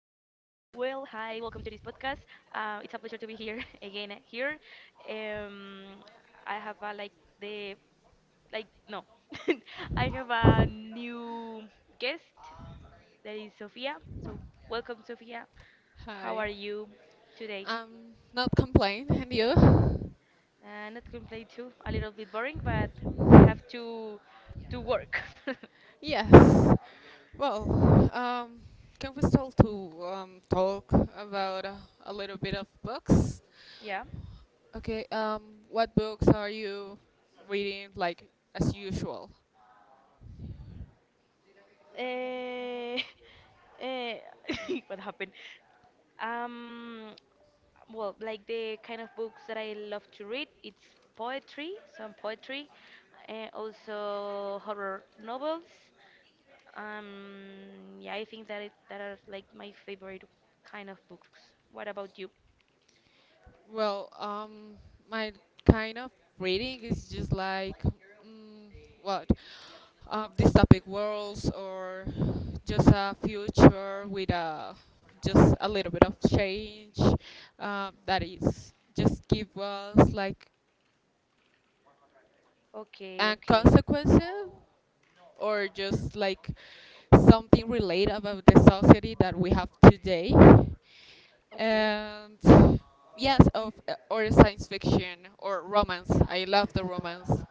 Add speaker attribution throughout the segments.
Speaker 1: welcome to this podcast. It's a pleasure to be here again here. Um, I have a like the like no, I have a new guest that is Sophia. So welcome, Sophia. How
Speaker 2: Hi.
Speaker 1: are you today?
Speaker 2: Not complain, and you?
Speaker 1: Not complain too. A little bit boring, but we have to work.
Speaker 2: Yes. Well, can we start to talk about a little bit of books?
Speaker 1: Yeah.
Speaker 2: Okay. What books are you reading, like as usual?
Speaker 1: Eh, eh, what happened? Um, well, like the kind of books that I love to read, it's poetry, some poetry, and also horror novels. Yeah, I think that that are like my favorite kind of books. What about you?
Speaker 2: Well, my kind of reading is just like, what, dystopic worlds or just a future with a just a little bit of change that is just give us like
Speaker 1: Okay,
Speaker 2: a
Speaker 1: okay,
Speaker 2: consequence or just like something related about the society that we have today
Speaker 1: okay.
Speaker 2: and yes of or science fiction or romance. I love the romance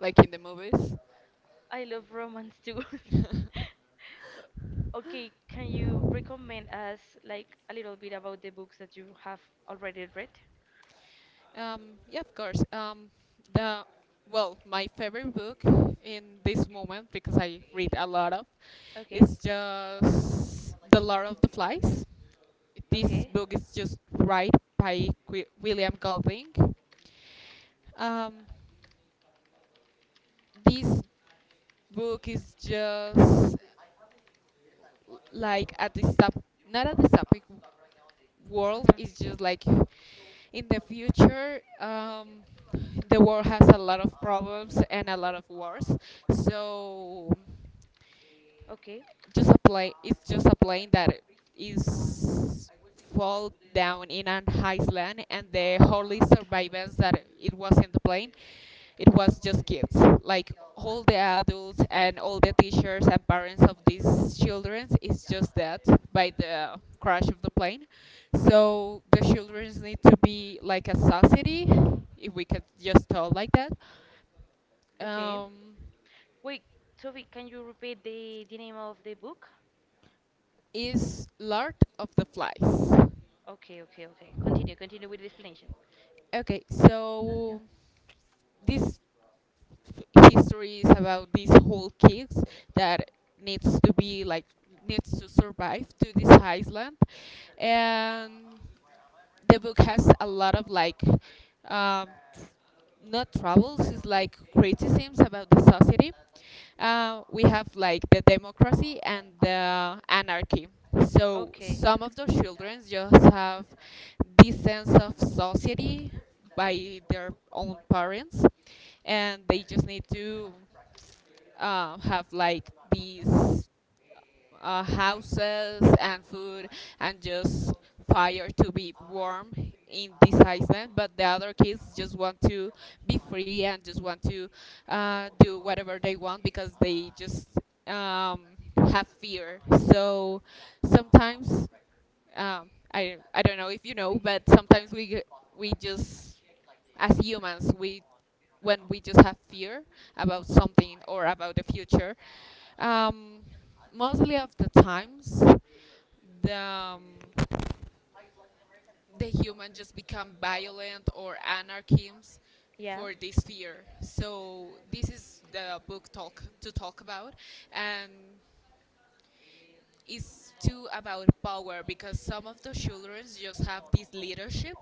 Speaker 2: like in the movies.
Speaker 1: I love romance too. Uh, Okay, can you recommend us like a little bit about the books that you have already read?
Speaker 2: Yeah, of course. The well, my favorite book in this moment because I read a lot of
Speaker 1: Okay,
Speaker 2: is just The Lord of the Flies. This
Speaker 1: okay.
Speaker 2: book is just right by William Golding. Um, this book is just like at the stop, not at the stopic world.
Speaker 1: Hmm.
Speaker 2: It's just like in the future. The world has a lot of problems and a lot of wars, so
Speaker 1: Okay,
Speaker 2: just a plane, it's just a plane that is fall down in an island, and the only survivors that it wasn't the plane, it was just kids. Like all the adults and all the teachers and parents of these children is just that by the crash of the plane, so the children need to be like a society, if we could just tell like that.
Speaker 1: okay.
Speaker 2: Um,
Speaker 1: Wait, Sophie, can you repeat the name of the book?
Speaker 2: is Lord of the Flies.
Speaker 1: Okay, okay, okay. Continue, continue with the explanation.
Speaker 2: Okay, so this history is about these whole kids that needs to be like needs to survive to this island. And the book has a lot of like, um, not troubles, it's like criticisms about the society. Uh, we have like the democracy and the anarchy, so
Speaker 1: Okay.
Speaker 2: some of the children just have this sense of society by their own parents, and they just need to have like these houses and food, and just fire to be warm in this island. But the other kids just want to be free and just want to do whatever they want because they just um, have fear. So sometimes, I don't know if you know, but sometimes we just, as humans, we, when we just have fear about something or about the future, um, mostly of the times the um, the human just become violent or anarchists
Speaker 1: Yeah.
Speaker 2: for this fear. So this is the book talk about, and is too about power because some of the children just have this leadership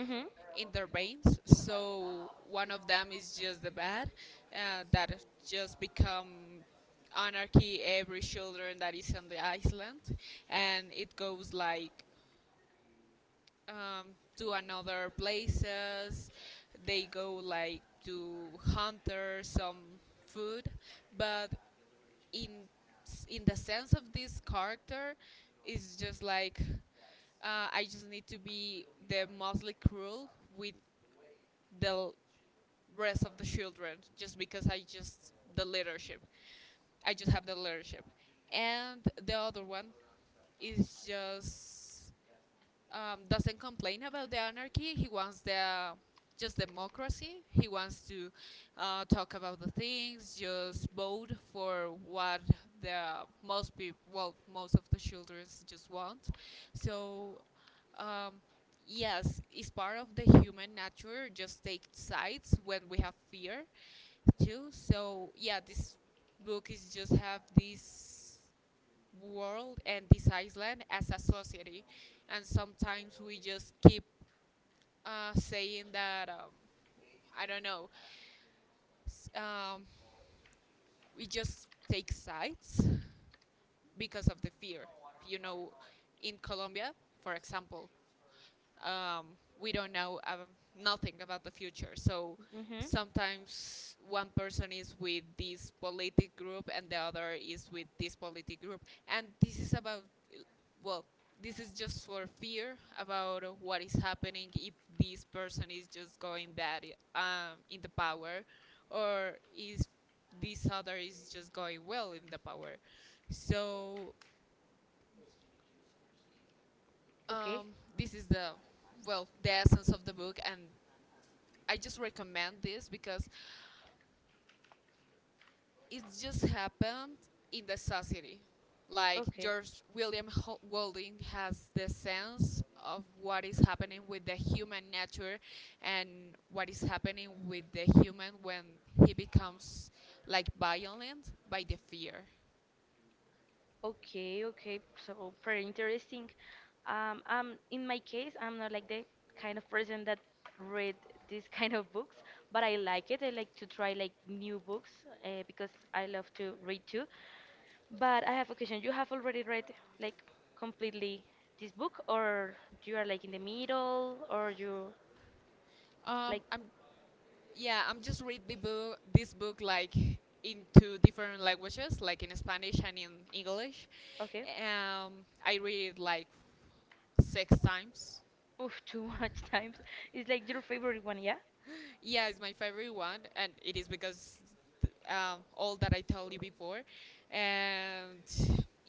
Speaker 1: Mm-hmm.
Speaker 2: in their veins. So one of them is just the bad that just become anarchy every children that is on the island, and it goes like um, to another places. They go like to hunter some food, but in in the sense of this character, it's just like, I just need to be the mostly cruel with the l- rest of the children, just because I just the leadership. I just have the leadership, and the other one is just doesn't complain about the anarchy. He wants the just democracy. He wants to talk about the things, just vote for what the most people, well, most of the children just want. So, um, yes, it's part of the human nature. Just take sides when we have fear, too. So yeah, this book is just have this world and this island as a society, and sometimes we just keep saying that um, I don't know s- um, we just take sides because of the fear, you know, in Colombia, for example, we don't know nothing about the future. So
Speaker 1: Mm-hmm.
Speaker 2: sometimes one person is with this politic group and the other is with this politic group, and this is about, well, this is just for fear about what is happening if this person is just going bad in the power, or is this other is just going well in the power. So,
Speaker 1: Okay.
Speaker 2: um, this is the, well, the essence of the book, and I just recommend this because it just happened in the society. Like
Speaker 1: Okay.
Speaker 2: George William Golding has the sense of what is happening with the human nature and what is happening with the human when he becomes like violent by the fear.
Speaker 1: Okay, okay. So pretty interesting. In my case, I'm not like the kind of person that read these kind of books, but I like it. I like to try like new books because I love to read too. But I have a question. You have already read like completely this book, or you are like in the middle, or you
Speaker 2: Um,
Speaker 1: like
Speaker 2: I'm, yeah, I'm just read the book, this book like in 2 different languages, like in Spanish and in English.
Speaker 1: okay,
Speaker 2: I read it like 6 times.
Speaker 1: oof. Too much times. It's like your favorite one, yeah?
Speaker 2: Yeah, it's my favorite one, and it is because all that I told you before, and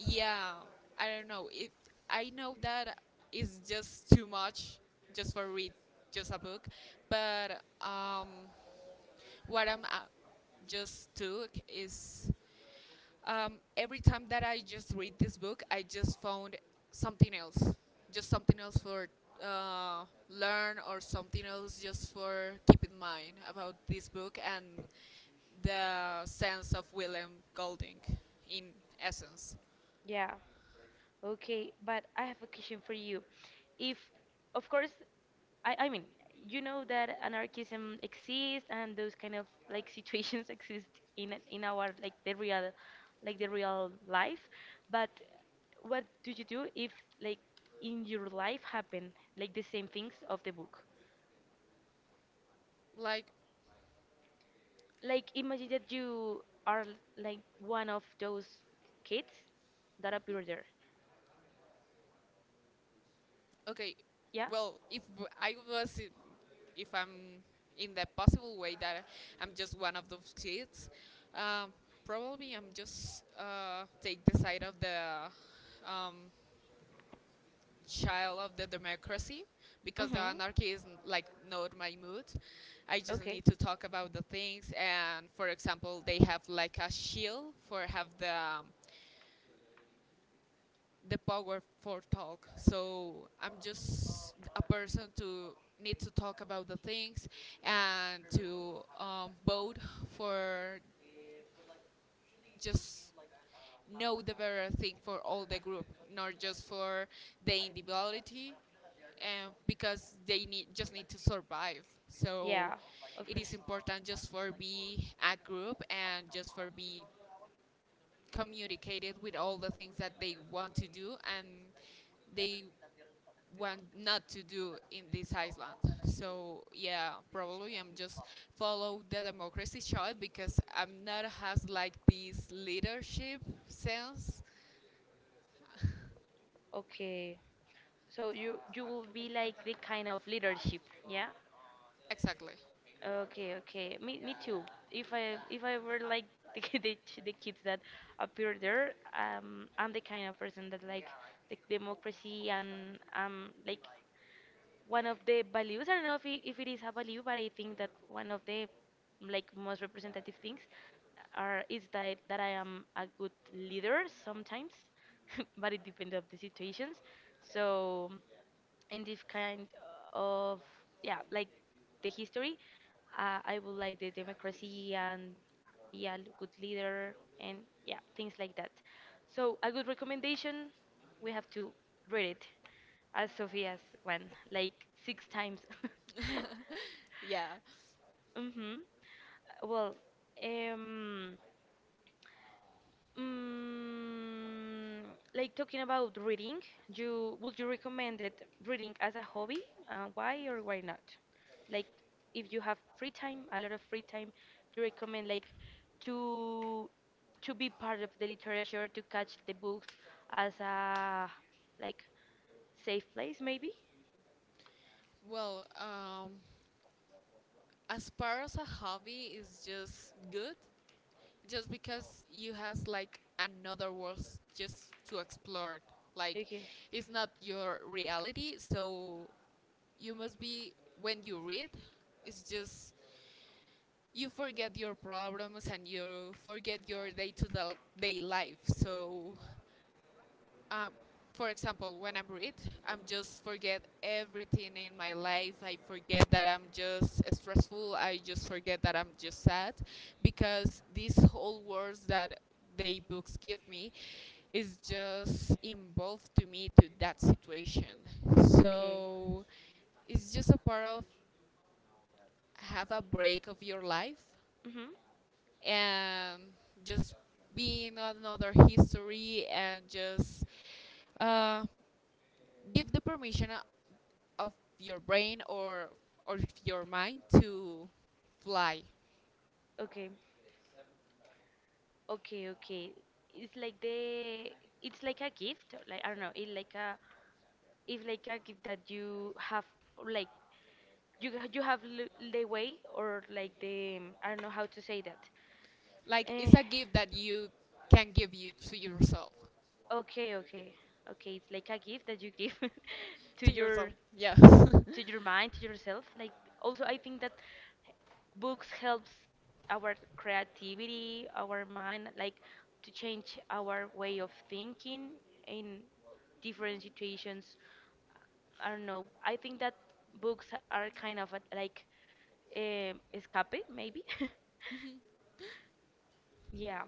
Speaker 2: yeah, I don't know. I know that is just too much just for read just a book, but what I'm just took is, um, every time that I just read this book, I just found something else, just something else for learn or something else just for keep in mind about this book and the sense of William Golding in essence.
Speaker 1: Yeah. Okay, but I have a question for you. If, of course, I mean, you know that anarchism exists and those kind of like situations exist in our like the real life. But what do you do if like in your life happen like the same things of the book?
Speaker 2: Like,
Speaker 1: Like imagine that you are like one of those kids that appear there.
Speaker 2: okay,
Speaker 1: Yeah.
Speaker 2: well, I was, i- if I'm in the possible way that I'm just one of those kids, um, probably I'm just take the side of the um, child of the democracy because the
Speaker 1: Mm-hmm.
Speaker 2: anarchy is like not my mood. I just
Speaker 1: Okay.
Speaker 2: need to talk about the things, and for example, they have like a shield for have the power for talk. So I'm just a person to need to talk about the things and to vote for just know the better thing for all the group, not just for the individuality, because they need just need to survive. So
Speaker 1: Yeah, of
Speaker 2: it is
Speaker 1: course.
Speaker 2: important just for be a group and just for be communicated with all the things that they want to do and they what not to do in this island. So yeah, probably I'm just follow the democracy shot because I'm not has like this leadership sense.
Speaker 1: Okay. So you will be like the kind of leadership, yeah?
Speaker 2: Exactly.
Speaker 1: Okay, okay. Me too. If I were like the kids that appear there, I'm the kind of person that like the democracy and like one of the values. I don't know if it is a value, but I think that one of the like most representative things are is that that I am a good leader sometimes, but it depends of the situations. So in this kind of yeah, like the history, I would like the democracy and be a good leader and yeah, things like that. So a good recommendation, we have to read it as Sophia's one, like six times.
Speaker 2: Yeah.
Speaker 1: Hmm. Well, um, mm, like talking about reading, you would you recommend it reading as a hobby? Why or why not? Like, if you have free time, a lot of free time, do you recommend like to to be part of the literature, to catch the books as a like safe place, maybe?
Speaker 2: Well, as far as a hobby is just good, just because you has like another world just to explore. Like,
Speaker 1: Okay.
Speaker 2: it's not your reality, so you must be, when you read, it's just you forget your problems and you forget your day-to-day life. So um, for example, when I'm read, I'm just forget everything in my life. I forget that I'm just stressful. I just forget that I'm just sad because these whole words that they books give me is just involved to me to that situation.
Speaker 1: Okay.
Speaker 2: So it's just a part of have a break of your life
Speaker 1: Hmm.
Speaker 2: and just be in another history, and just uh, give the permission of your brain or your mind to fly.
Speaker 1: Okay. Okay, okay. It's like the it's like a gift, like I don't know, it's like a gift that you have like you ha- you have l the way or like the I don't know how to say that.
Speaker 2: Like it's
Speaker 1: Eh,
Speaker 2: a gift that you can give you to yourself.
Speaker 1: okay, okay. Okay, it's like a gift that you give to
Speaker 2: To
Speaker 1: your
Speaker 2: yourself, yes.
Speaker 1: to your mind, to yourself. Like also, I think that books helps our creativity, our mind, like to change our way of thinking in different situations. I don't know. I think that books are kind of like escape, maybe. Yeah.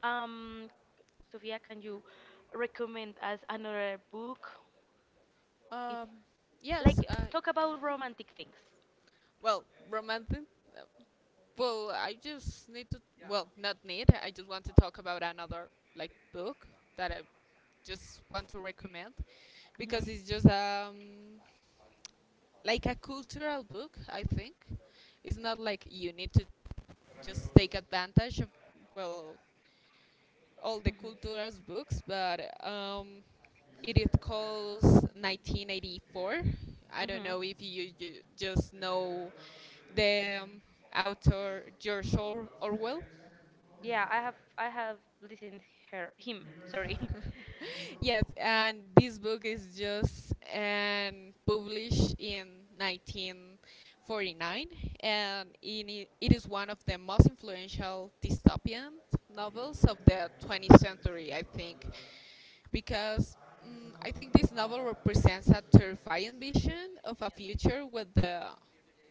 Speaker 1: Um, Sophia, can you recommend us another book? If
Speaker 2: um yes
Speaker 1: like
Speaker 2: uh,
Speaker 1: talk about romantic things.
Speaker 2: Well, romantic. Well, I just need to. Well, not need. I just want to talk about another like book that I just want to recommend because
Speaker 1: Mhm.
Speaker 2: it's just like a cultural book. I think it's not like you need to just take advantage of, well, all the
Speaker 1: Mhm.
Speaker 2: culturas books, but um, it is called 1984. I don't
Speaker 1: Mhm.
Speaker 2: know if you, you just know the author George Orwell.
Speaker 1: Yeah, I have listened her him, sorry.
Speaker 2: Yes, and this book is just published in 1949, and in it, it is one of the most influential dystopian novels of the 20th century, I think, because I think this novel represents a terrifying vision of a future with the,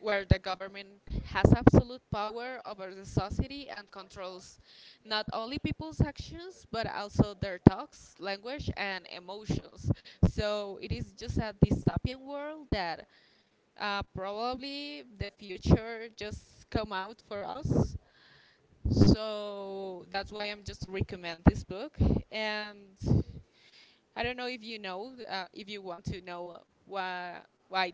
Speaker 2: where the government has absolute power over the society and controls not only people's actions but also their thoughts, language, and emotions. So it is just a dystopian world that probably the future just come out for us, so that's why I'm just recommend this book. And I don't know, if you want to know why why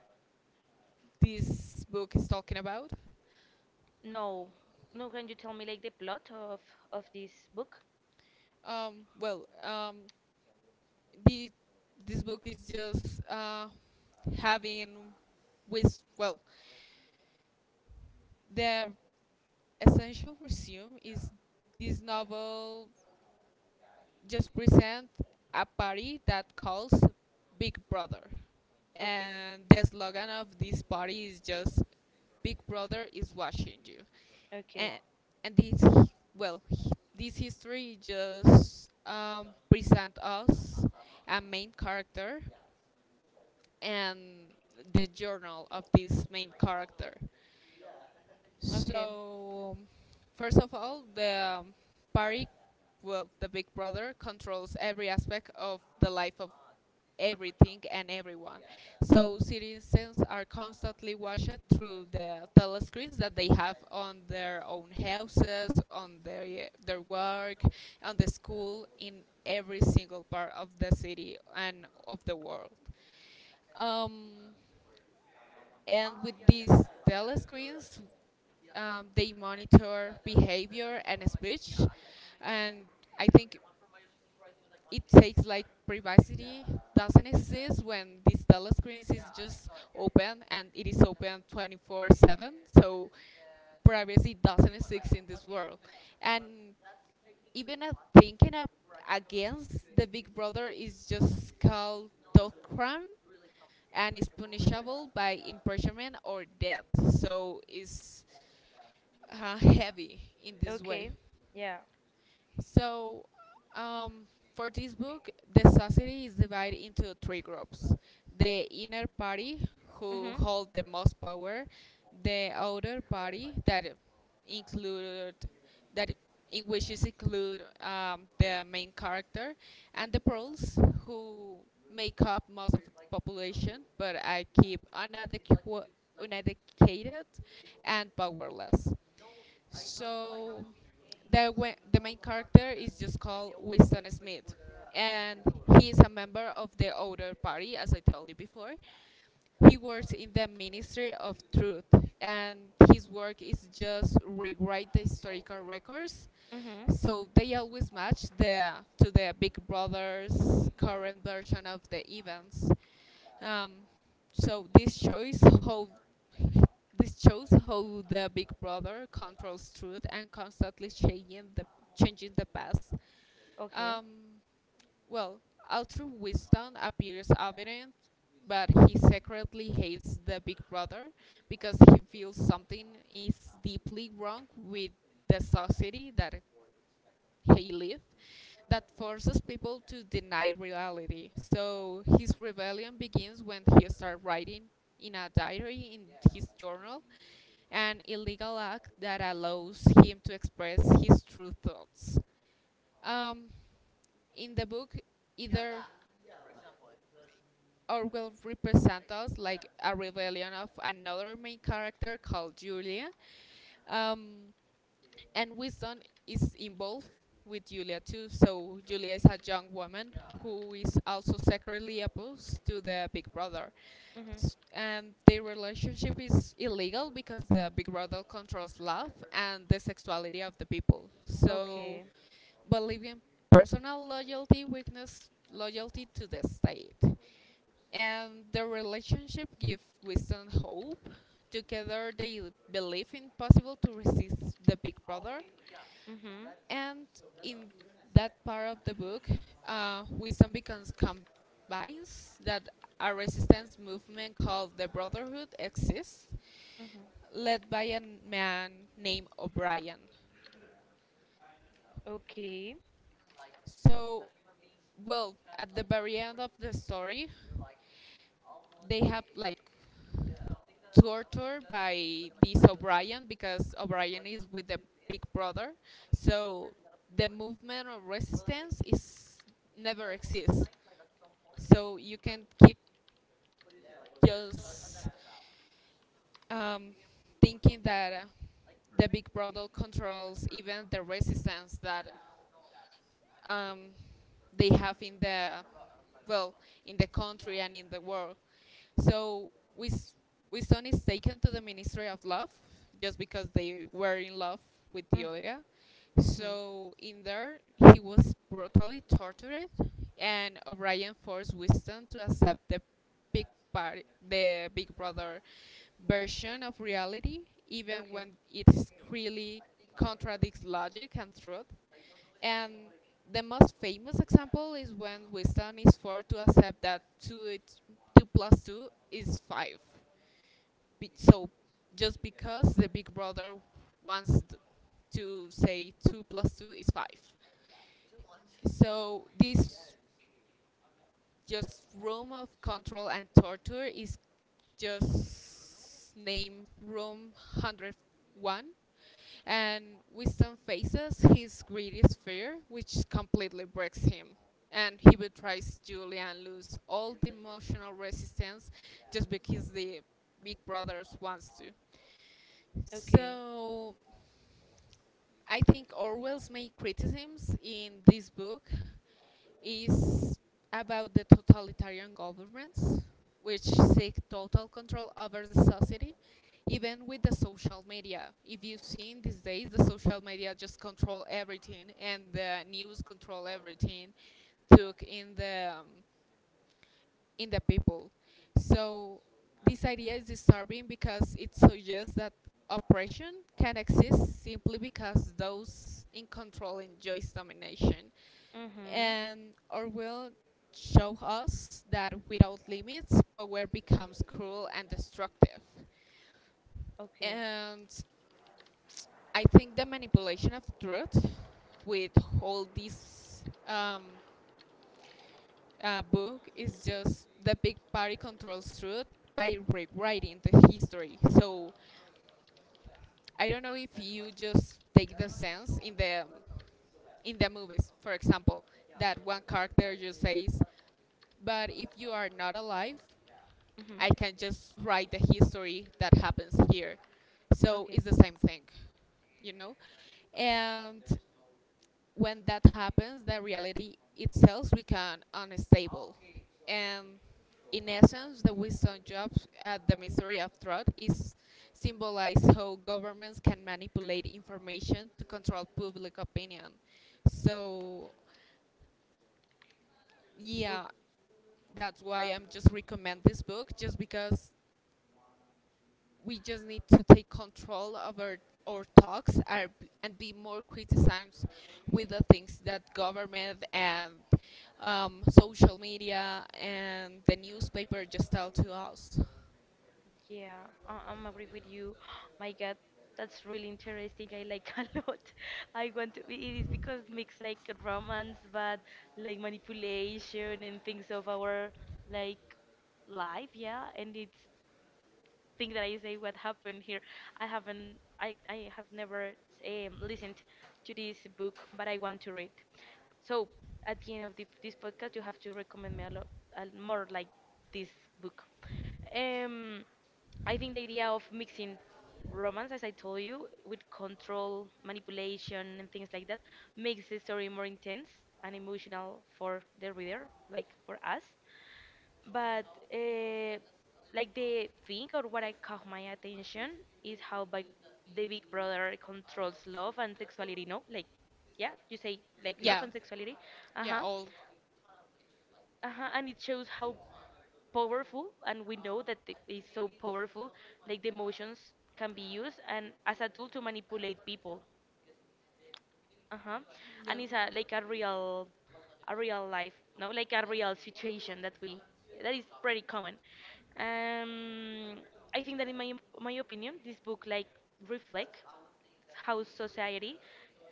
Speaker 2: this book is talking about.
Speaker 1: No. No, can you tell me like the plot of this book?
Speaker 2: Well, the this book is just having with, well, the essential resume is this novel just present a party that calls Big Brother.
Speaker 1: Okay.
Speaker 2: And the slogan of this party is just Big Brother is watching you.
Speaker 1: Okay.
Speaker 2: And, and this, well, hi- this history just present us a main character and the journal of this main character.
Speaker 1: Okay.
Speaker 2: So, first of all, the party, well, the Big Brother controls every aspect of the life of everything and everyone. So citizens are constantly watched through the telescreens that they have on their own houses, on their work, on the school, in every single part of the city and of the world. Um, and with these telescreens, they monitor behavior and speech. And I think it takes like privacy doesn't exist when these telescreens is just open, and it is open 24/7. So privacy doesn't exist in this world. And even thinking up against the Big Brother is just called dog crime, and is punishable by imprisonment or death. So it's heavy in this
Speaker 1: Okay.
Speaker 2: way.
Speaker 1: Yeah.
Speaker 2: So, um, for this book, the society is divided into three groups: the inner party, who
Speaker 1: Mhm.
Speaker 2: hold the most power, the outer party, that include that in which is include the main character, and the pearls, who make up most of the population, but are keep uneducated and powerless. So the main character is just called Winston Smith, and he is a member of the Outer Party, as I told you before. He works in the Ministry of Truth, and his work is just rewrite the historical records,
Speaker 1: Mhm.
Speaker 2: so they always match the to the Big Brother's current version of the events. Um, so this shows how the Big Brother controls truth and constantly changing the past.
Speaker 1: Okay.
Speaker 2: Um, well, although Winston appears evident, but he secretly hates the Big Brother because he feels something is deeply wrong with the society that he lives, that forces people to deny reality. So his rebellion begins when he starts writing in a diary in his journal, an illegal act that allows him to express his true thoughts. um, in the book either Orwell represents us like a rebellion of another main character called Julia. Um, and Winston is involved with Julia too. So Julia is a young woman who is also secretly opposed to the Big Brother.
Speaker 1: Mhm.
Speaker 2: And their relationship is illegal because the Big Brother controls love and the sexuality of the people. So
Speaker 1: Okay.
Speaker 2: believe personal loyalty, weakness, loyalty to the state and the relationship gives wisdom hope. Together, they believe in possible to resist the Big Brother,
Speaker 1: Mhm.
Speaker 2: and in that part of the book, wisdom becomes convinced that a resistance movement called the Brotherhood exists,
Speaker 1: Mhm.
Speaker 2: led by a man named O'Brien.
Speaker 1: Okay.
Speaker 2: So, well, at the very end of the story, they have like torture by this O'Brien because O'Brien is with the Big Brother, so the movement of resistance is never exists. So you can keep just um, thinking that the Big Brother controls even the resistance that um, they have in the, well, in the country and in the world. So Wisdom is taken to the Ministry of Love just because they were in love with
Speaker 1: Mm.
Speaker 2: Julia.
Speaker 1: Mhm.
Speaker 2: So in there, he was brutally tortured, and O'Brien forced Winston to accept the big party, the Big Brother version of reality, even
Speaker 1: Okay.
Speaker 2: when it really contradicts logic and truth. And the most famous example is when Winston is forced to accept that two plus two is five. So just because the Big Brother wants t- to say two plus two is five. So this just room of control and torture is just named room 101, and Winston faces his greatest fear, which completely breaks him, and he betrays Julie and loses all the emotional resistance just because the big brothers wants to.
Speaker 1: Okay.
Speaker 2: So I think Orwell's main criticisms in this book is about the totalitarian governments, which seek total control over the society, even with the social media. If you see in these days, the social media just control everything and the news control everything, took in the people. So this idea is disturbing because it suggests that oppression can exist simply because those in control enjoy domination.
Speaker 1: Mhm.
Speaker 2: And Orwell show us that without limits, power becomes cruel and destructive.
Speaker 1: Okay.
Speaker 2: And I think the manipulation of truth with all these book is just the big party controls truth by rewriting the history. So I don't know if you just take the sense in the movies, for example, that one character just says, "But if you are not alive,
Speaker 1: Mhm.
Speaker 2: I can just write the history that happens here." So
Speaker 1: Okay.
Speaker 2: it's the same thing, you know, and when that happens, the reality itself becomes unstable. And in essence, the wisdom jobs at the mystery of truth is symbolized how governments can manipulate information to control public opinion. So, yeah, that's why I'm just recommend this book just because we just need to take control of our talks are, and be more criticized with the things that government and social media and the newspaper just tell to us.
Speaker 1: Yeah, I'm agree with you. My God, that's really interesting. I like a lot. I want to. It is because mix like romance, but like manipulation and things of our like life. Yeah, and it's thing that I say what happened here. I haven't, I have never listened to this book, but I want to read. So at the end of this podcast, you have to recommend me more like this book. Um, I think the idea of mixing romance, as I told you, with control, manipulation, and things like that, makes the story more intense and emotional for the reader, like for us. But uh, like the thing or what I caught my attention is how big the Big Brother controls love and sexuality. No, like yeah, you say like love
Speaker 2: Yeah,
Speaker 1: and sexuality. Uh
Speaker 2: yeah,
Speaker 1: huh.
Speaker 2: all.
Speaker 1: Uh huh. And it shows how powerful, and we know that it is so powerful. Like the emotions can be used and as a tool to manipulate people. Uh-huh.
Speaker 2: Yeah.
Speaker 1: And it's a like a real life, no, like a real situation that is pretty common. um I think that in my opinion, this book like reflect how society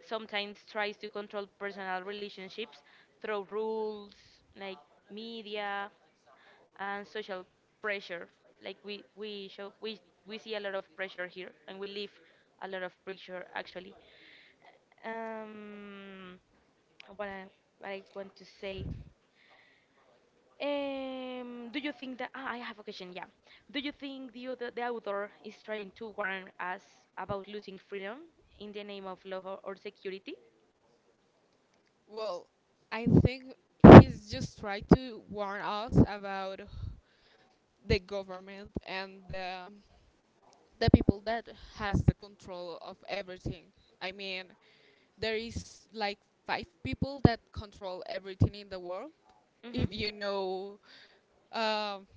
Speaker 1: sometimes tries to control personal relationships through rules like media and social pressure. Like we show we see a lot of pressure here and we live a lot of pressure actually. um, what I, what I want to say. Do you think that ah, I have a question? Yeah. Do you think the author is trying to warn us about losing freedom in the name of love, or security?
Speaker 2: Well, I think he's just trying to warn us about the government and the people that has the control of everything. I mean, there is like five people that control everything in the world. If
Speaker 1: Mm-hmm.
Speaker 2: you know, um,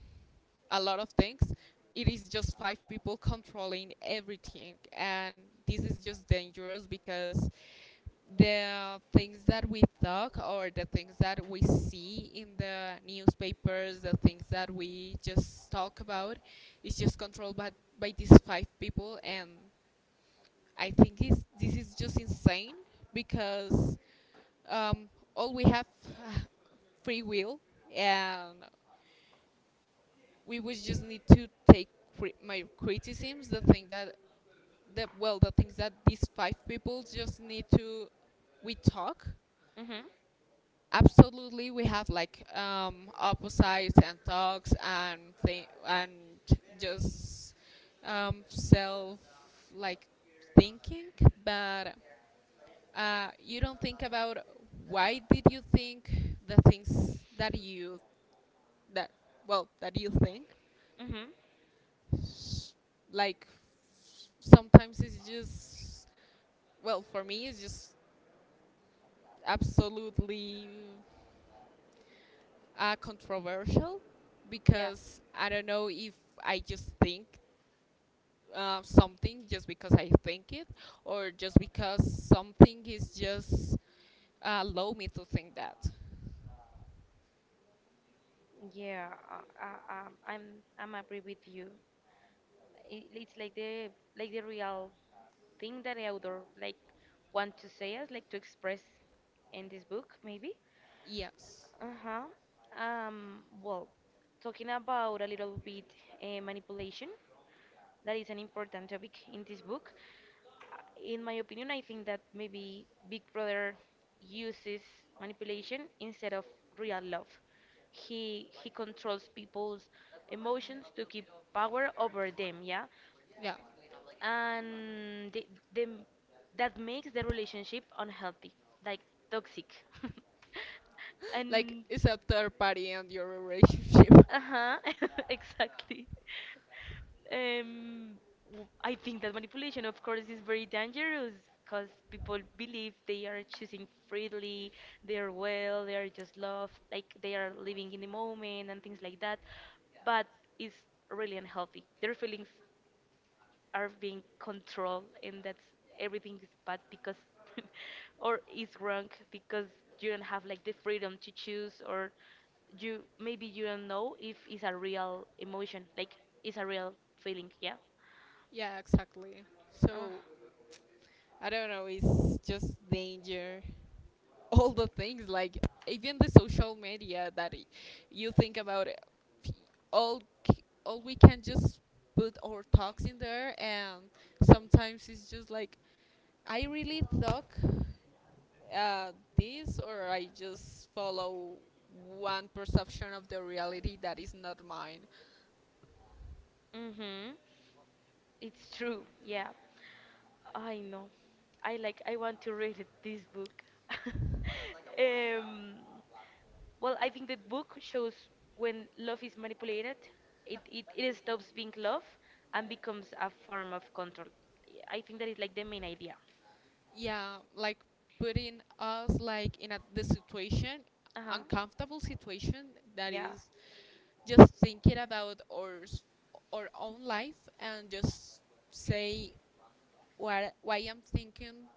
Speaker 2: a lot of things. It is just five people controlling everything, and this is just dangerous because the things that we talk or the things that we see in the newspapers, the things that we just talk about, is just controlled by these five people, and I think it's, this is just insane because um, all we have free will, and we would just need to take my criticisms the thing that the, well, the things that these five people just need to we talk
Speaker 1: Mm-hmm.
Speaker 2: absolutely. We have like opposites and talks and thing, and just self like thinking. But you don't think about why did you think the things that you that well, that you think,
Speaker 1: Mm-hmm.
Speaker 2: s- like sometimes it's just, well, for me it's just absolutely controversial,
Speaker 1: Yeah.
Speaker 2: because I don't know if I just think something just because I think it, or just because something is just allow me to think that.
Speaker 1: Yeah. I'm agree with you. It's like the real thing that the author like want to say us, like to express in this book, maybe.
Speaker 2: Yes.
Speaker 1: Uh-huh. Well, talking about a little bit manipulation, that is an important topic in this book. In my opinion, I think that maybe Big Brother uses manipulation instead of real love. He controls people's emotions to keep power over them, yeah?
Speaker 2: Yeah.
Speaker 1: And the, that makes the relationship unhealthy, like toxic.
Speaker 2: Like
Speaker 1: And
Speaker 2: it's a third party in your relationship.
Speaker 1: uh-huh, exactly. Um, I think that manipulation, of course, is very dangerous because people believe they are choosing freely, they are just love, like they are living in the moment and things like that. But it's really unhealthy. Their feelings are being controlled, and that's everything is bad because or is wrong because you don't have like the freedom to choose, or you maybe you don't know if it's a real emotion, like it's a real feeling, yeah.
Speaker 2: Yeah, exactly.
Speaker 1: uh,
Speaker 2: So I don't know. It's just danger. All the things like even the social media that you think about it, f- all all we can just put our talks in there, and sometimes it's just like I really talk uh, this, or I just follow one perception of the reality that is not mine.
Speaker 1: mm-hmm. It's true, yeah. I know. I like I want to read this book. Um, well, I think the book shows when love is manipulated, it stops being love and becomes a form of control. I think that is like the main idea.
Speaker 2: Yeah, like putting us like in a the situation,
Speaker 1: Uh huh.
Speaker 2: uncomfortable situation that
Speaker 1: Yeah.
Speaker 2: is just thinking about our own life, and just say why I'm thinking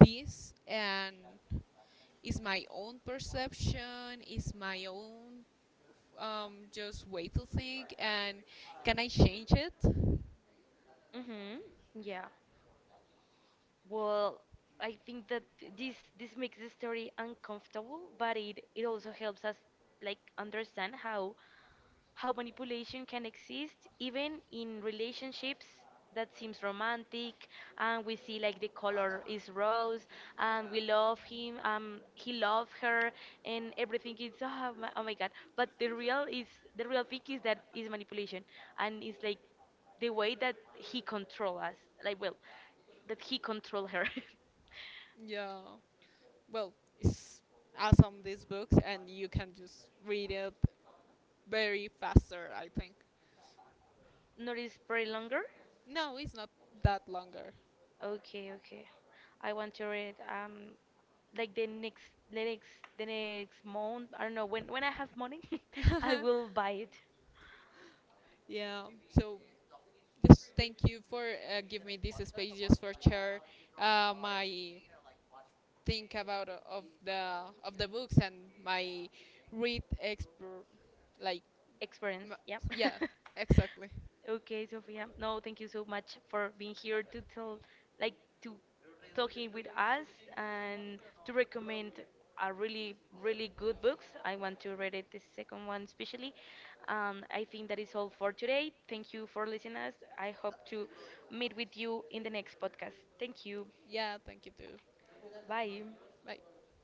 Speaker 2: this, and is my own perception, is my own just way to think, and can I change it.
Speaker 1: Mm-hmm. Yeah. Well, I think that this makes the story uncomfortable, but it also helps us like understand how manipulation can exist even in relationships that seems romantic, and we see like the color is rose and we love him, he love her, and everything is oh my, oh my god, but the real is the real thing is that is manipulation, and it's like the way that he control us, like well, that he control her.
Speaker 2: Yeah. Well, it's awesome these books, and you can just read it very faster, I think.
Speaker 1: Not is very longer.
Speaker 2: No, it's not that longer.
Speaker 1: Okay, okay. I want to read like the next the next month. I don't know when I have money, I will buy it.
Speaker 2: Yeah. So just thank you for give me this space just for share my think about of the books, and my read expert, like
Speaker 1: Experience.
Speaker 2: m-
Speaker 1: Yep.
Speaker 2: yeah, exactly.
Speaker 1: Okay, Sophia. No, thank you so much for being here to tell, like, to talking with us and to recommend a really, really good books. I want to read it, the second one especially. I think that is all for today. Thank you for listening us. I hope to meet with you in the next podcast. Thank you.
Speaker 2: Yeah, thank you too.
Speaker 1: Bye.
Speaker 2: Bye.